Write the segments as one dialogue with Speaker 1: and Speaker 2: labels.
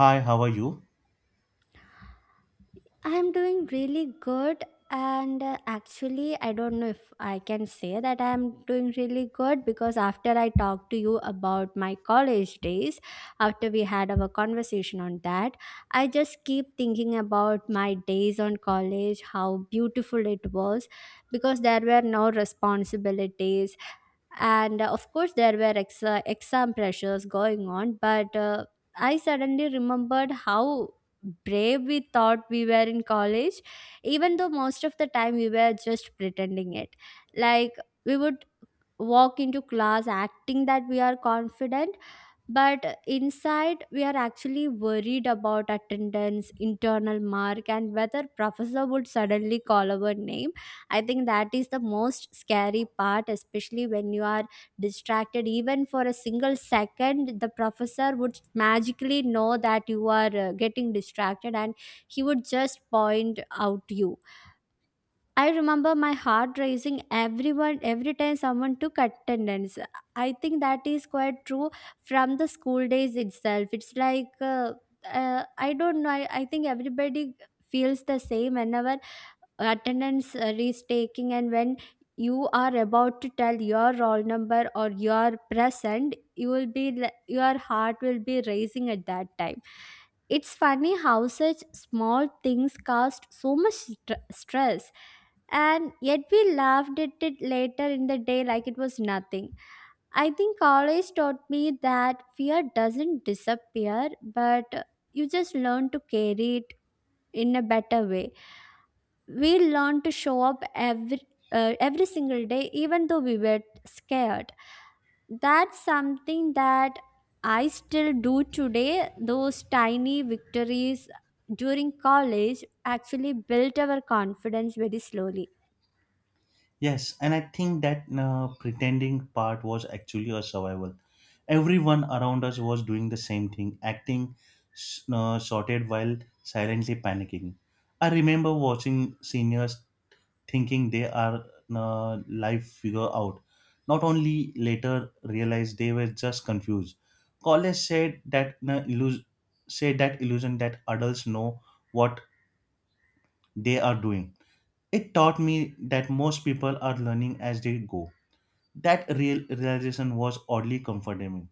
Speaker 1: Hi, how are you?
Speaker 2: I'm doing really good, and actually, I don't know if I can say that I'm doing really good because after I talked to you about my college days, after we had our conversation on that, I just keep thinking about my days on college, how beautiful it was because there were no responsibilities, and of course there were exam pressures going on, but I suddenly remembered how brave we thought we were in college, even though most of the time we were just pretending it. Like, we would walk into class acting that we are confident, but inside we are actually worried about attendance, internal mark, and whether professor would suddenly call our name. I think that is the most scary part, especially when you are distracted. Even for a single second, the professor would magically know that you are getting distracted, and he would just point out you. I remember my heart raising everyone every time someone took attendance. I think that is quite true from the school days itself. It's like I don't know. I think everybody feels the same whenever attendance is taking, and when you are about to tell your roll number or your present, your heart will be raising at that time. It's funny how such small things cast so much stress, and yet we laughed at it later in the day like it was nothing. I think college taught me that fear doesn't disappear, but you just learn to carry it in a better way. We learn to show up every single day, even though we were scared. That's something that I still do today. Those tiny victories during college actually built our confidence very slowly.
Speaker 1: Yes, and I think that pretending part was actually a survival. Everyone around us was doing the same thing, acting sorted while silently panicking. I remember watching seniors thinking they are life figure out. Not only later realized they were just confused. College said that said that illusion that adults know what they are doing. It taught me that most people are learning as they go. That real realization was oddly comforting.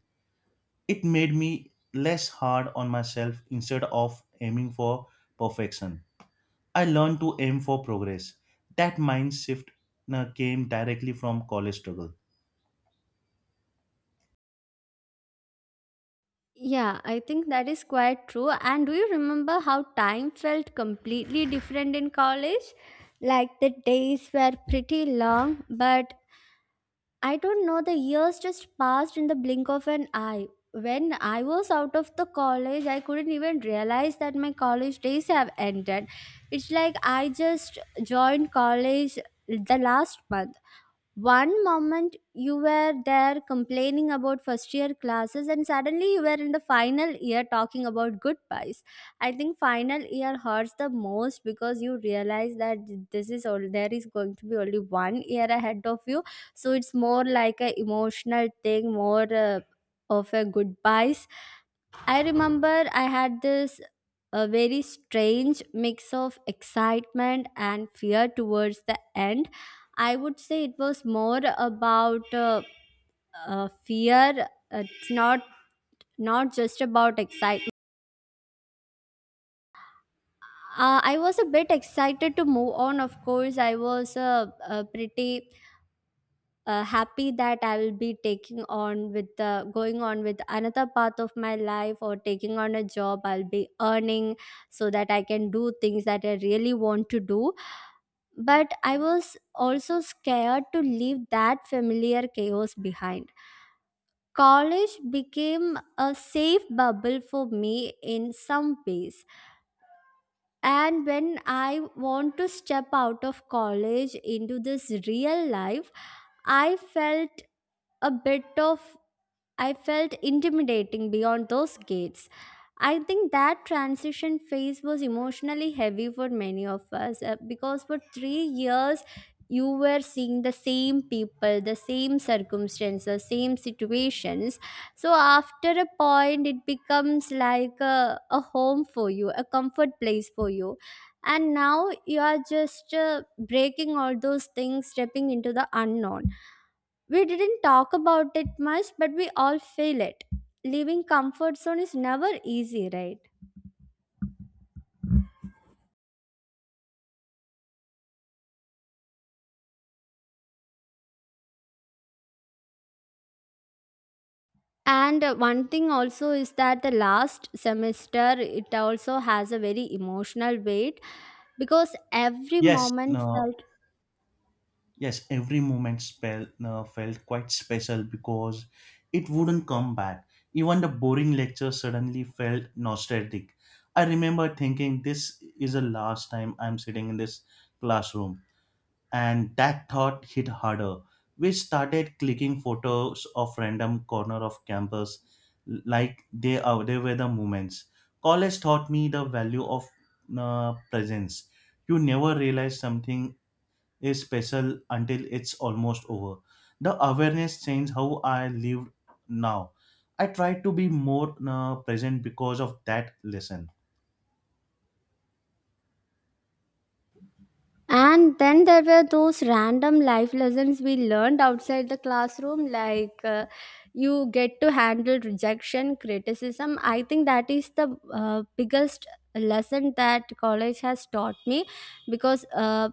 Speaker 1: It made me less hard on myself instead of aiming for perfection. I learned to aim for progress. That mind shift came directly from college struggle.
Speaker 2: Yeah, I think that is quite true. And do you remember how time felt completely different in college? Like, the days were pretty long, but I don't know, the years just passed in the blink of an eye. When I was out of the college, I couldn't even realize that my college days have ended. It's like I just joined college the last month. One moment you were there complaining about first year classes, and suddenly you were in the final year talking about goodbyes. I think final year hurts the most, because you realize that this is all there is. Going to be only one year ahead of you, so it's more like a emotional thing, more of a goodbyes. I remember I had this a very strange mix of excitement and fear towards the end. I would say it was more about fear. It's not just about excitement. I was a bit excited to move on. Of course I was pretty happy that I will be taking on with the going on with another path of my life, or taking on a job. I'll be earning so that I can do things that I really want to do. But I was also scared to leave that familiar chaos behind. College became a safe bubble for me in some ways. And when I want to step out of college into this real life, I felt a bit of I felt intimidating beyond those gates. I think that transition phase was emotionally heavy for many of us, because for 3 years you were seeing the same people, the same circumstances, same situations. So after a point, it becomes like a home for you, a comfort place for you. And now you are just breaking all those things, stepping into the unknown. We didn't talk about it much, but we all feel it. Leaving comfort zone is never easy, right? And one thing also is that the last semester, it also has a very emotional weight because every
Speaker 1: Yes,
Speaker 2: moment
Speaker 1: uh,
Speaker 2: felt.
Speaker 1: Yes, every moment felt quite special because it wouldn't come back. Even the boring lecture suddenly felt nostalgic. I remember thinking, this is the last time I'm sitting in this classroom. And that thought hit harder. We started clicking photos of random corner of campus like they, are, they were the moments. College taught me the value of presence. You never realize something is special until it's almost over. The awareness changed how I lived now. I try to be more present because of that lesson.
Speaker 2: And then there were those random life lessons we learned outside the classroom, like, you get to handle rejection, criticism. I think that is the biggest lesson that college has taught me, because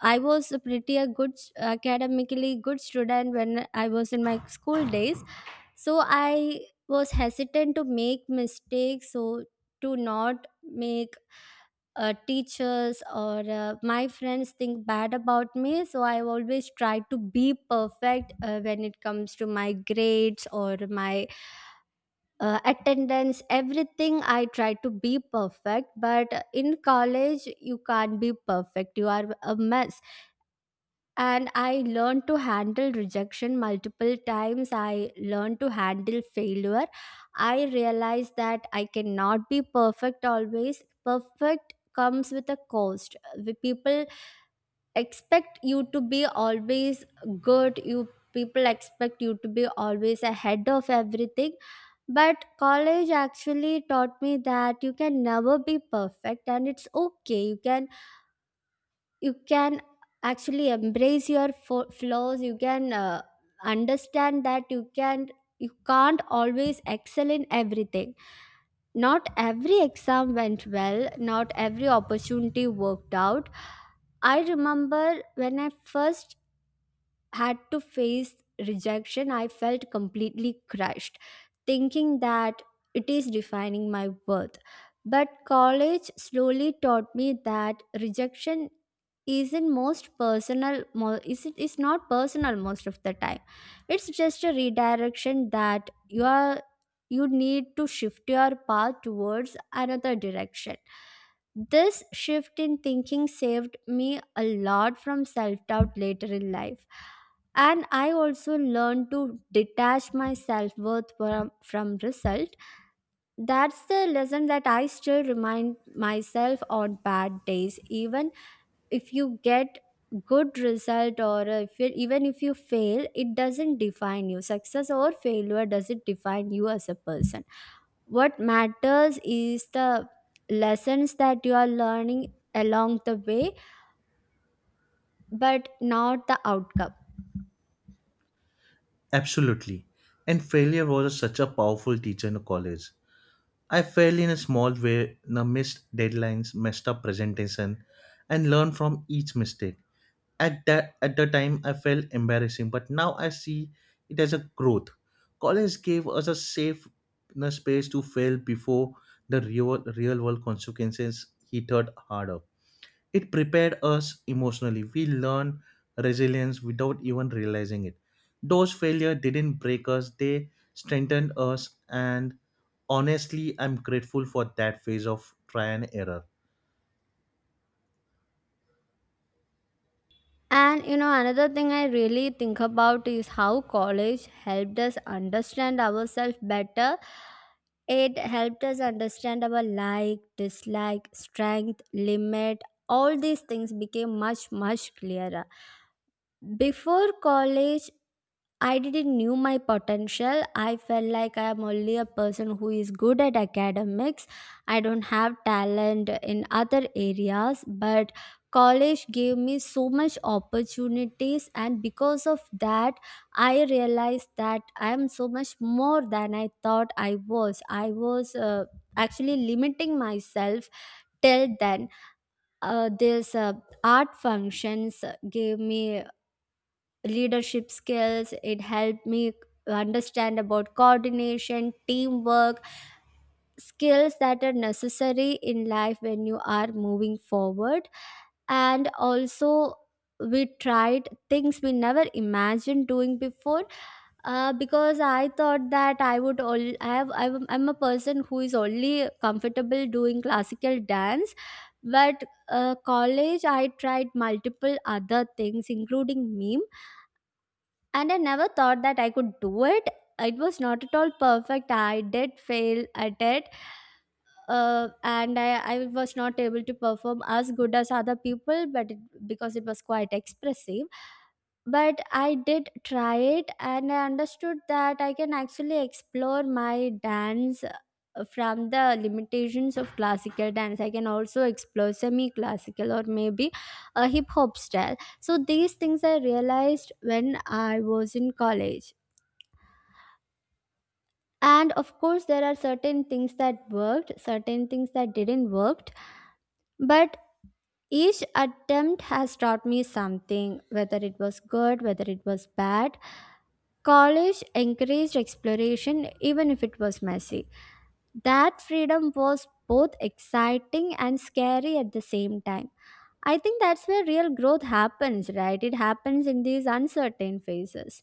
Speaker 2: I was a pretty a good academically good student when I was in my school days. So I was hesitant to make mistakes, so to not make teachers or my friends think bad about me. So I always try to be perfect when it comes to my grades or my attendance. Everything I try to be perfect, but in college you can't be perfect, you are a mess. And I learned to handle rejection multiple times, I learned to handle failure. I realized that I cannot be perfect always. Perfect comes with a cost. The people expect you to be always good. You People expect you to be always ahead of everything. But college actually taught me that you can never be perfect, and it's okay. You can you can actually embrace your flaws. You can understand that you can't always excel in everything. Not every exam went well, not every opportunity worked out. I remember when I first had to face rejection, I felt completely crushed, thinking that it is defining my worth. But college slowly taught me that rejection isn't most personal mo- is it is not personal most of the time. It's just a redirection, that you need to shift your path towards another direction. This shift in thinking saved me a lot from self doubt later in life. And I also learned to detach my self-worth from result. That's the lesson that I still remind myself on bad days. Even if you get good result, or if you, even if you fail, it doesn't define you. Success or failure doesn't define you as a person. What matters is the lessons that you are learning along the way, but not the outcome.
Speaker 1: Absolutely. And failure was such a powerful teacher in college. I failed in a small way, missed deadlines, messed up presentation, and learned from each mistake. At that at the time I felt embarrassing, but now I see it as a growth. College gave us a safe, you know, space to fail before the real world consequences hit us harder. It prepared us emotionally. We learned resilience without even realizing it. Those failures didn't break us, they strengthened us, and honestly I'm grateful for that phase of try and error.
Speaker 2: And another thing I really think about is how college helped us understand ourselves better. It helped us understand our like, dislike, strength, limit, all these things became much, much clearer. Before college, I didn't knew my potential. I felt like I am only a person who is good at academics. I don't have talent in other areas, but college gave me so much opportunities, and because of that I realized that I am so much more than I thought I was. I was actually limiting myself till then. This art functions gave me leadership skills. It helped me understand about coordination, teamwork, skills that are necessary in life when you are moving forward. And also, we tried things we never imagined doing before, because I thought that I would all I have I'm a person who is only comfortable doing classical dance. But college, I tried multiple other things including meme, and I never thought that I could do it. It was not at all perfect. I did fail at it, and I was not able to perform as good as other people, because it was quite expressive. But I did try it, and I understood that I can actually explore my dance from the limitations of classical dance. I can also explore semi-classical, or maybe a hip hop style. So these things I realized when I was in college. And of course there are certain things that worked, certain things that didn't worked, but each attempt has taught me something, whether it was good, whether it was bad. College encouraged exploration, even if it was messy. That freedom was both exciting and scary at the same time. I think that's where real growth happens, right? It happens in these uncertain phases.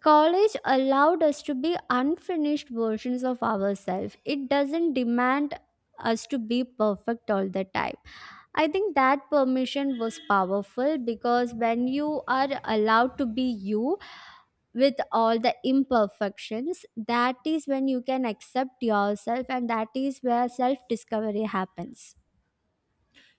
Speaker 2: College allowed us to be unfinished versions of ourselves, it doesn't demand us to be perfect all the time. I think that permission was powerful, because when you are allowed to be you, with all the imperfections, that is when you can accept yourself, and that is where self discovery happens.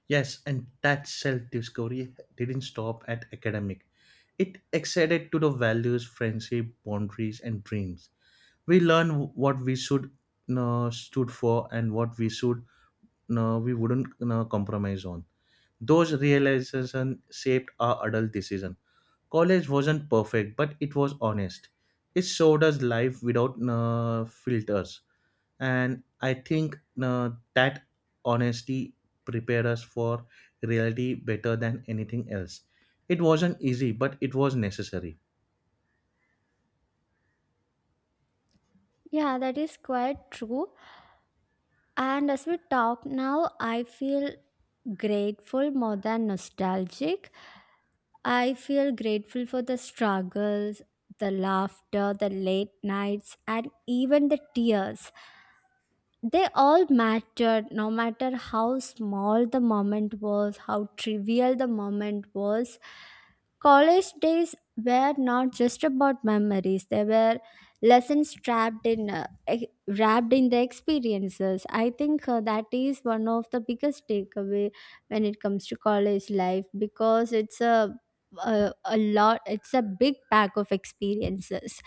Speaker 1: Yes, and that self discovery didn't stop at academic. It extended to the values, friendship, boundaries, and dreams. We learn what we should stood for and what we should we wouldn't compromise on. Those realizations shaped our adult decision. College wasn't perfect, but it was honest. It showed us life without filters, and I think that honesty prepared us for reality better than anything else. It wasn't easy, but it was necessary.
Speaker 2: Yeah, that is quite true. And as we talk now, I feel grateful more than nostalgic. I feel grateful for the struggles, the laughter, the late nights, and even the tears. They all mattered, no matter how small the moment was, how trivial the moment was. College days were not just about memories, they were lessons trapped in, wrapped in the experiences. I think, that is one of the biggest takeaway when it comes to college life, because it's a lot, it's a big pack of experiences.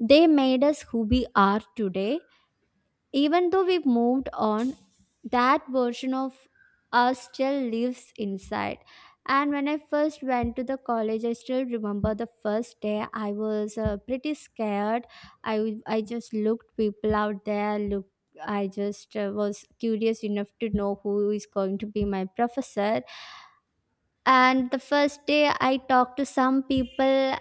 Speaker 2: They made us who we are today. Even though we've moved on, that version of us still lives inside. And when I first went to the college, I still remember the first day. I was pretty scared. I just looked people out there. Look, I just was curious enough to know who is going to be my professor. And the first day, I talked to some people,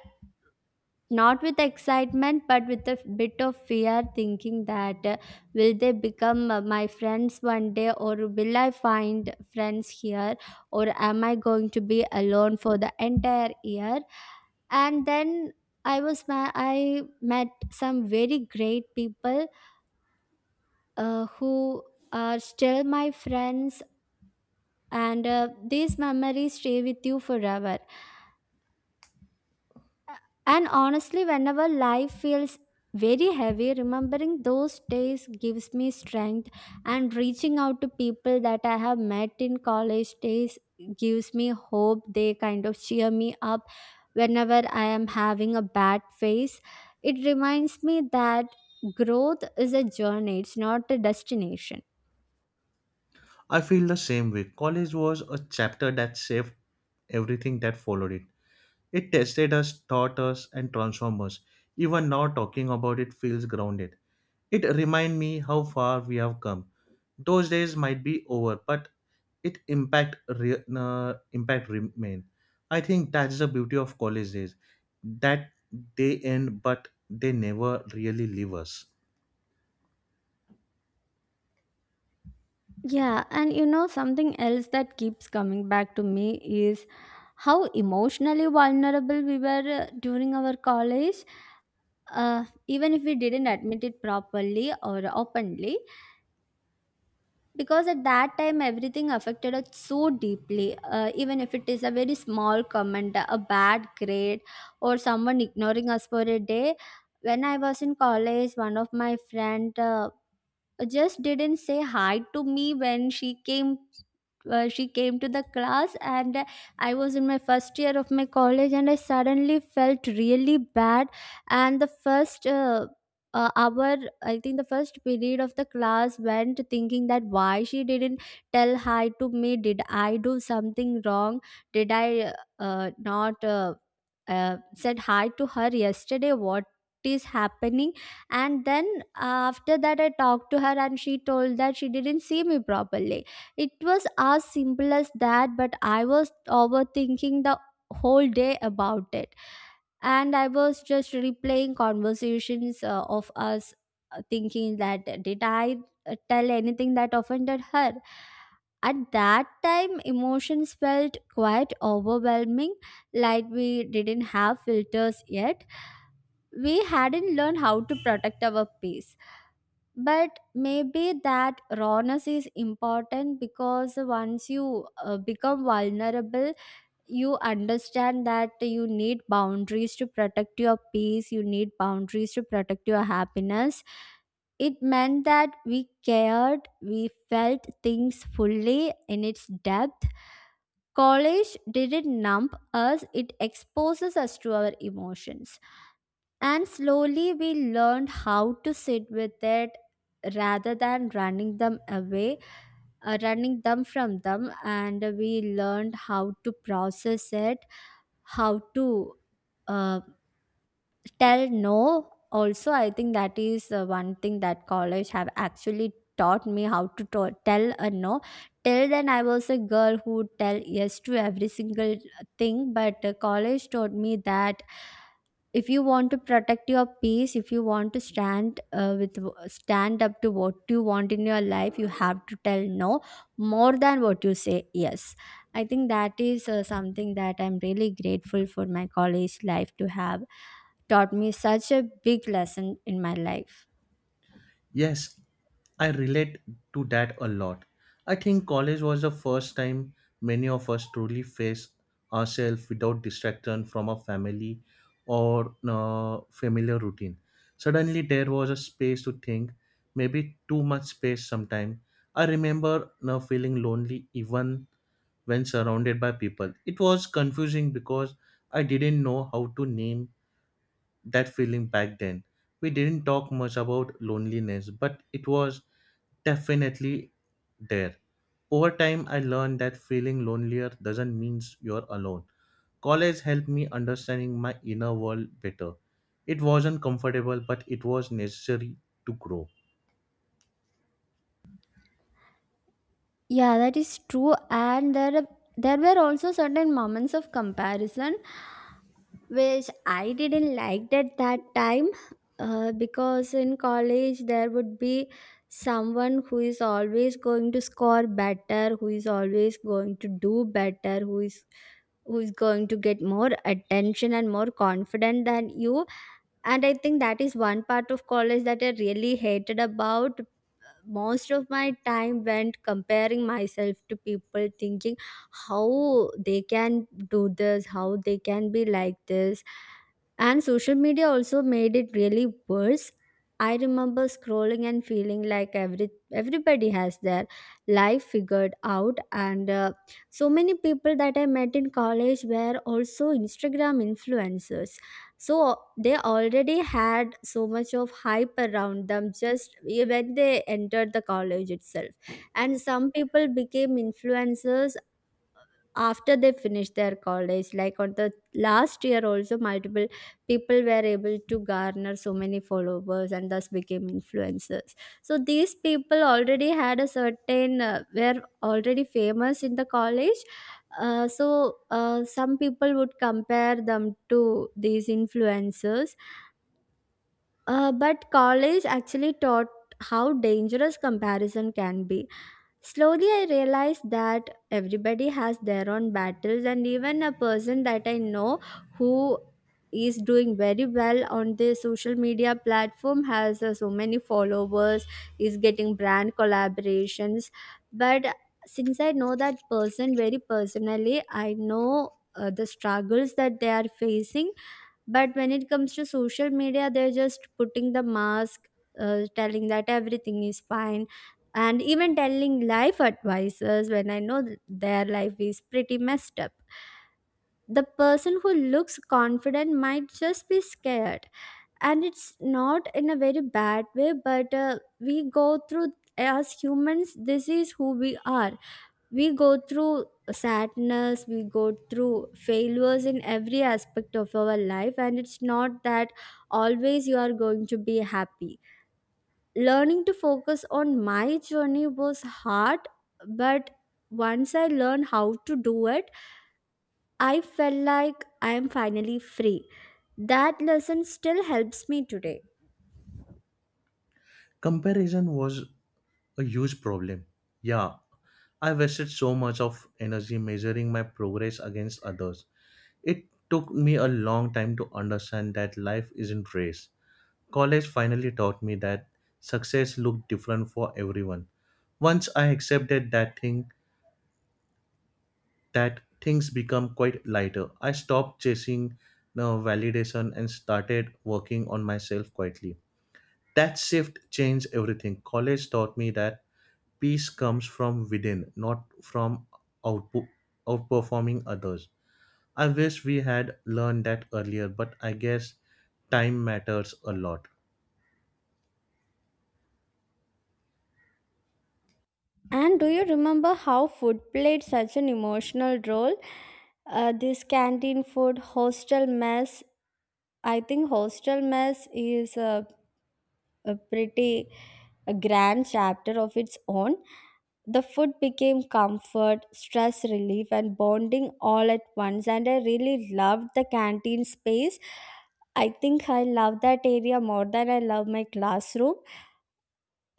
Speaker 2: not with excitement but with a bit of fear, thinking that will they become my friends one day, or will I find friends here, or am I going to be alone for the entire year? And then I met some very great people, who are still my friends. And these memories stay with you forever. And honestly, whenever life feels very heavy, remembering those days gives me strength, and reaching out to people that I have met in college days gives me hope. They kind of cheer me up whenever I am having a bad phase. It reminds me that growth is a journey, it's not a destination.
Speaker 1: I feel the same way. College was a chapter that shaped everything that followed it. It tested us, taught us, and transformed us. Even now, talking about it feels grounded. It remind me how far we have come. Those days might be over, but it impact remain. I think that's the beauty of college days, that they end, but they never really leave us.
Speaker 2: Yeah, and something else that keeps coming back to me is how emotionally vulnerable we were during our college. Even if we didn't admit it properly or openly, because at that time everything affected us so deeply, even if it is a very small comment, a bad grade, or someone ignoring us for a day. When I was in college, one of my friend just didn't say hi to me when she came. She came to the class, and I was in my first year of my college, and I suddenly felt really bad. And the first uh, uh, our i think the first period of the class went, thinking that why she didn't tell hi to me. Did I do something wrong? Did I, not, said hi to her yesterday? What is happening? And then after that, I talked to her, and she told that she didn't see me properly. It was as simple as that, but I was overthinking the whole day about it. And I was just replaying conversations of us, thinking that did I tell anything that offended her? At that time, emotions felt quite overwhelming, like we didn't have filters yet. We hadn't learned how to protect our peace. But maybe that rawness is important, because once you become vulnerable, you understand that you need boundaries to protect your peace, you need boundaries to protect your happiness. It meant that we cared, we felt things fully in its depth. College didn't numb us, it exposes us to our emotions, and slowly we learned how to sit with it rather than running them away, running them from them. And we learned how to process it, how to uh, tell no also. I think that is one thing that college have actually taught me, how to tell a no. Till then, I was a girl who would tell yes to every single thing. But college taught me that if you want to protect your peace, if you want to stand up to what you want in your life, you have to tell no more than what you say yes. I think that is something that I'm really grateful for, my college life, to have taught me such a big lesson in my life.
Speaker 1: Yes, I relate to that a lot. I think college was the first time many of us truly faced ourselves without distraction from our family or familiar routine. Suddenly, there was a space to think, maybe too much space sometimes. I remember now feeling lonely even when surrounded by people. It was confusing because I didn't know how to name that feeling back then. We didn't talk much about loneliness, but it was definitely there. Over time, I learned that feeling lonelier doesn't mean you're alone. College helped me understanding my inner world better. It wasn't comfortable, but it was necessary to grow.
Speaker 2: Yeah, that is true. And there were also certain moments of comparison which I didn't like at that time, because in college there would be someone who is always going to score better, who is always going to do better, who is going to get more attention and more confident than you. And I think that is one part of college that I really hated about. Most of my time went comparing myself to people, thinking how they can do this, how they can be like this. And social media also made it really worse. I remember scrolling and feeling like everybody has their life figured out, and so many people that I met in college were also Instagram influencers, so they already had so much of hype around them just when they entered the college itself. And some people became influencers after they finish their college, like on the last year also multiple people were able to garner so many followers and thus became influencers. So these people already had a certain, were already famous in the college. So some people would compare them to these influencers. But college actually taught how dangerous comparison can be. Slowly, I realized that everybody has their own battles, and even a person that I know, who is doing very well on the social media platform, has so many followers, is getting brand collaborations. But since I know that person very personally, I know the struggles that they are facing, but when it comes to social media, they're just putting the mask, telling that everything is fine, and even telling life advices when I know their life is pretty messed up. The person who looks confident might just be scared, and it's not in a very bad way, but we go through, as humans, this is who we are. We go through sadness, we go through failures in every aspect of our life, and it's not that always you are going to be happy. Learning to focus on my journey was hard, but once I learned how to do it, I felt like I am finally free. That lesson still helps me today.
Speaker 1: Comparison was a huge problem. Yeah, I wasted so much of energy measuring my progress against others. It took me a long time to understand that life isn't race. College finally taught me that success looked different for everyone. Once I accepted that thing, that things become quite lighter. I stopped chasing, you know, validation and started working on myself quietly. That shift changed everything. College taught me that peace comes from within, not from output, outperforming others. I wish we had learned that earlier, but I guess time matters a lot.
Speaker 2: And do you remember how food played such an emotional role? This canteen food, hostel mess. I think hostel mess is a pretty a grand chapter of its own. The food became comfort, stress relief, and bonding all at once. And I really loved the canteen space. I think I love that area more than I love my classroom.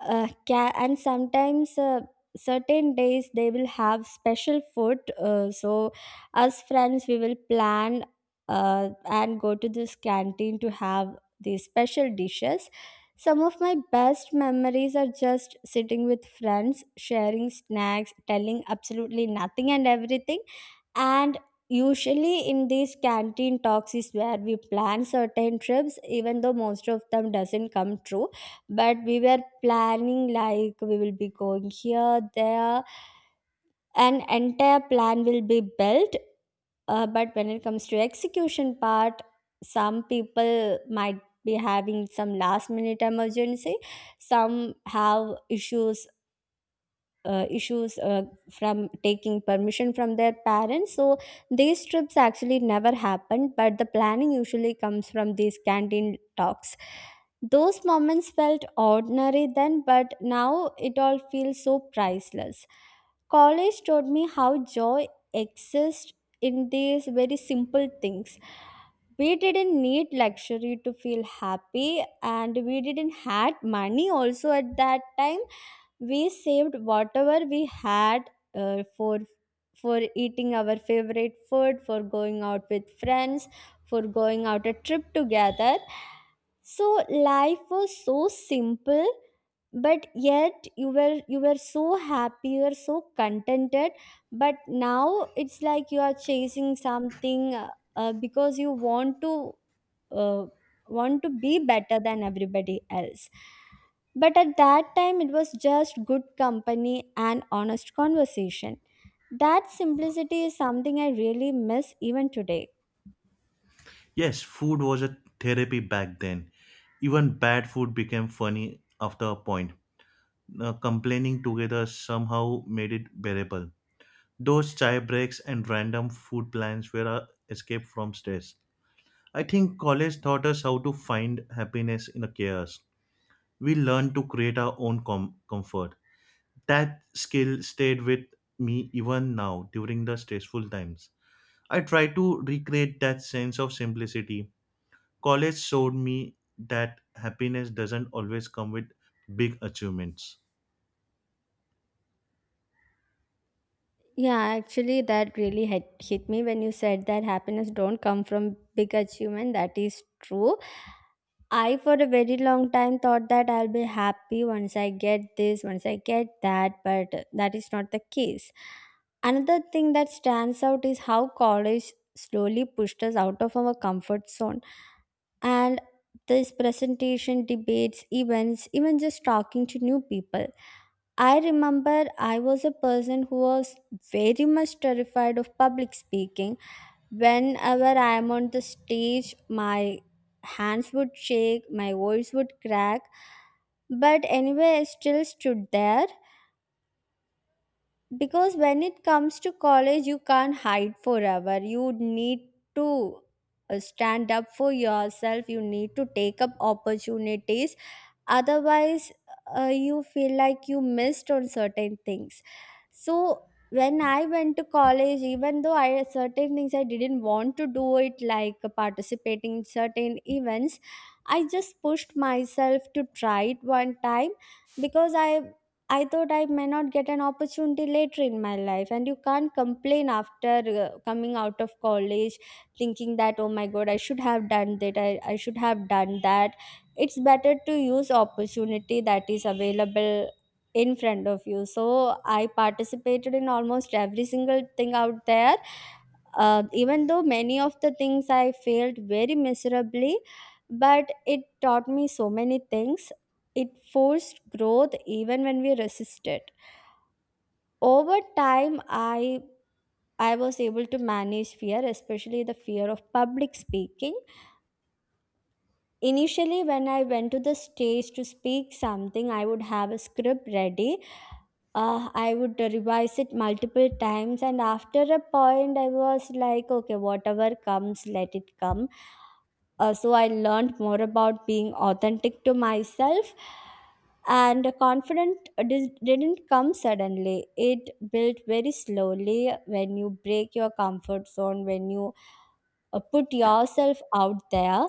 Speaker 2: And sometimes, certain days they will have special food, so as friends we will plan, and go to this canteen to have these special dishes. Some of my best memories are just sitting with friends, sharing snacks, telling absolutely nothing and everything. And usually in these canteen talks is where we plan certain trips, even though most of them doesn't come true. But we were planning like we will be going here, there, an entire plan will be built. But when it comes to execution part, some people might be having some last minute emergency, some have issues, from taking permission from their parents. So these trips actually never happened, but the planning usually comes from these canteen talks. Those moments felt ordinary then, but now it all feels so priceless. College taught me how joy exists in these very simple things. We didn't need luxury to feel happy, and we didn't had money also at that time. We saved whatever we had for eating our favorite food, for going out with friends, for going out a trip together. So life was so simple. But yet, you were so happy, you were so contented. But now it's like you are chasing something, because you want to, uh, want to be better than everybody else. But at that time, it was just good company and honest conversation. That simplicity is something I really miss even today.
Speaker 1: Yes, food was a therapy back then. Even bad food became funny after a point. Complaining together somehow made it bearable. Those chai breaks and random food plans were our escape from stress. I think college taught us how to find happiness in the chaos. We learned to create our own comfort. That skill stayed with me even now during the stressful times. I try to recreate that sense of simplicity. College showed me that happiness doesn't always come with big achievements.
Speaker 2: Yeah, actually, that really hit me when you said that happiness don't come from big achievement. That is true. I, for a very long time, thought that I'll be happy once I get this, once I get that, but that is not the case. Another thing that stands out is how college slowly pushed us out of our comfort zone. And this presentation, debates, events, even just talking to new people. I remember I was a person who was very much terrified of public speaking. Whenever I am on the stage, my hands would shake, my voice would crack, but anyway, I still stood there, because when it comes to college, you can't hide forever. You need to stand up for yourself, you need to take up opportunities. Otherwise, you feel like you missed on certain things. So when I went to college, even though I certain things I didn't want to do it like participating in certain events, I just pushed myself to try it one time. Because I thought I may not get an opportunity later in my life, and you can't complain after coming out of college, thinking that oh my god, I should have done that, I should have done that. It's better to use opportunity that is available in front of you. So I participated in almost every single thing out there. Even though many of the things I failed very miserably, but it taught me so many things. It forced growth even when we resisted. Over time, I was able to manage fear, especially the fear of public speaking. Initially, when I went to the stage to speak something, I would have a script ready. I would revise it multiple times, and after a point, I was like, okay, whatever comes, let it come. So I learned more about being authentic to myself, and the confidence didn't come suddenly. It built very slowly when you break your comfort zone, when you put yourself out there.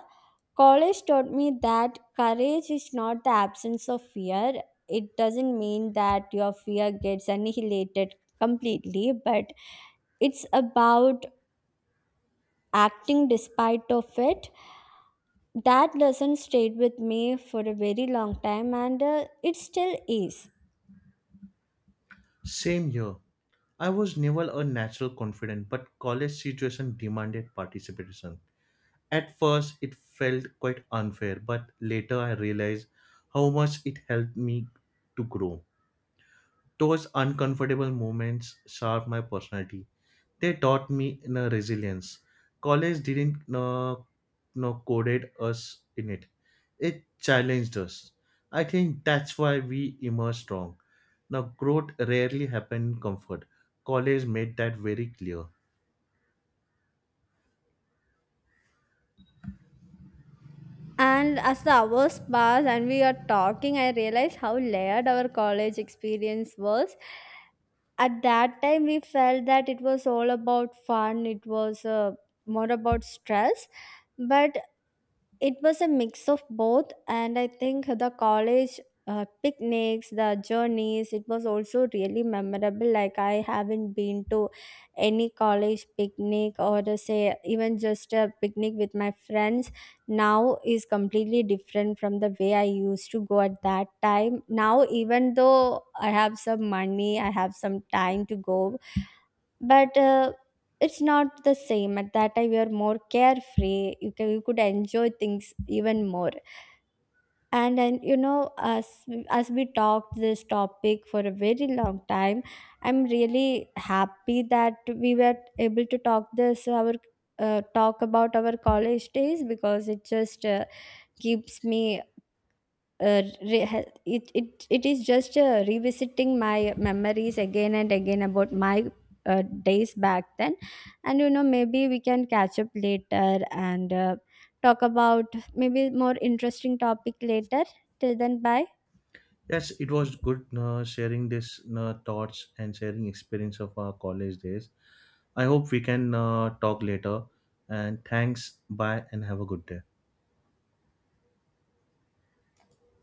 Speaker 2: College taught me that courage is not the absence of fear. It doesn't mean that your fear gets annihilated completely, but it's about acting despite of it. That lesson stayed with me for a very long time, and it still is.
Speaker 1: Same here. I was never a natural confident, but college situation demanded participation. At first, it felt quite unfair, but later I realized how much it helped me to grow. Those uncomfortable moments shaped my personality. They taught me, you know, resilience. College didn't coded us in it. It challenged us. I think that's why we emerged strong. Now, growth rarely happened in comfort. College made that very clear.
Speaker 2: And as the hours pass and we are talking, I realize how layered our college experience was. At that time, we felt that it was all about fun, it was more about stress, but it was a mix of both. And I think the college picnics, the journeys, it was also really memorable. Like, I haven't been to any college picnic or, say, even just a picnic with my friends now is completely different from the way I used to go at that time. Now, even though I have some money, I have some time to go, but it's not the same. At that time, you are more carefree, you could enjoy things even more. And as we talked this topic for a very long time, I'm really happy that we were able to talk this, our talk about our college days, because it just keeps me uh, re- ha- it is just revisiting my memories again and again about my days back then. And maybe we can catch up later and talk about maybe more interesting topic later. Till then, bye.
Speaker 1: Yes, it was good sharing this thoughts and sharing experience of our college days. I hope we can talk later. And thanks. Bye, and have a good day.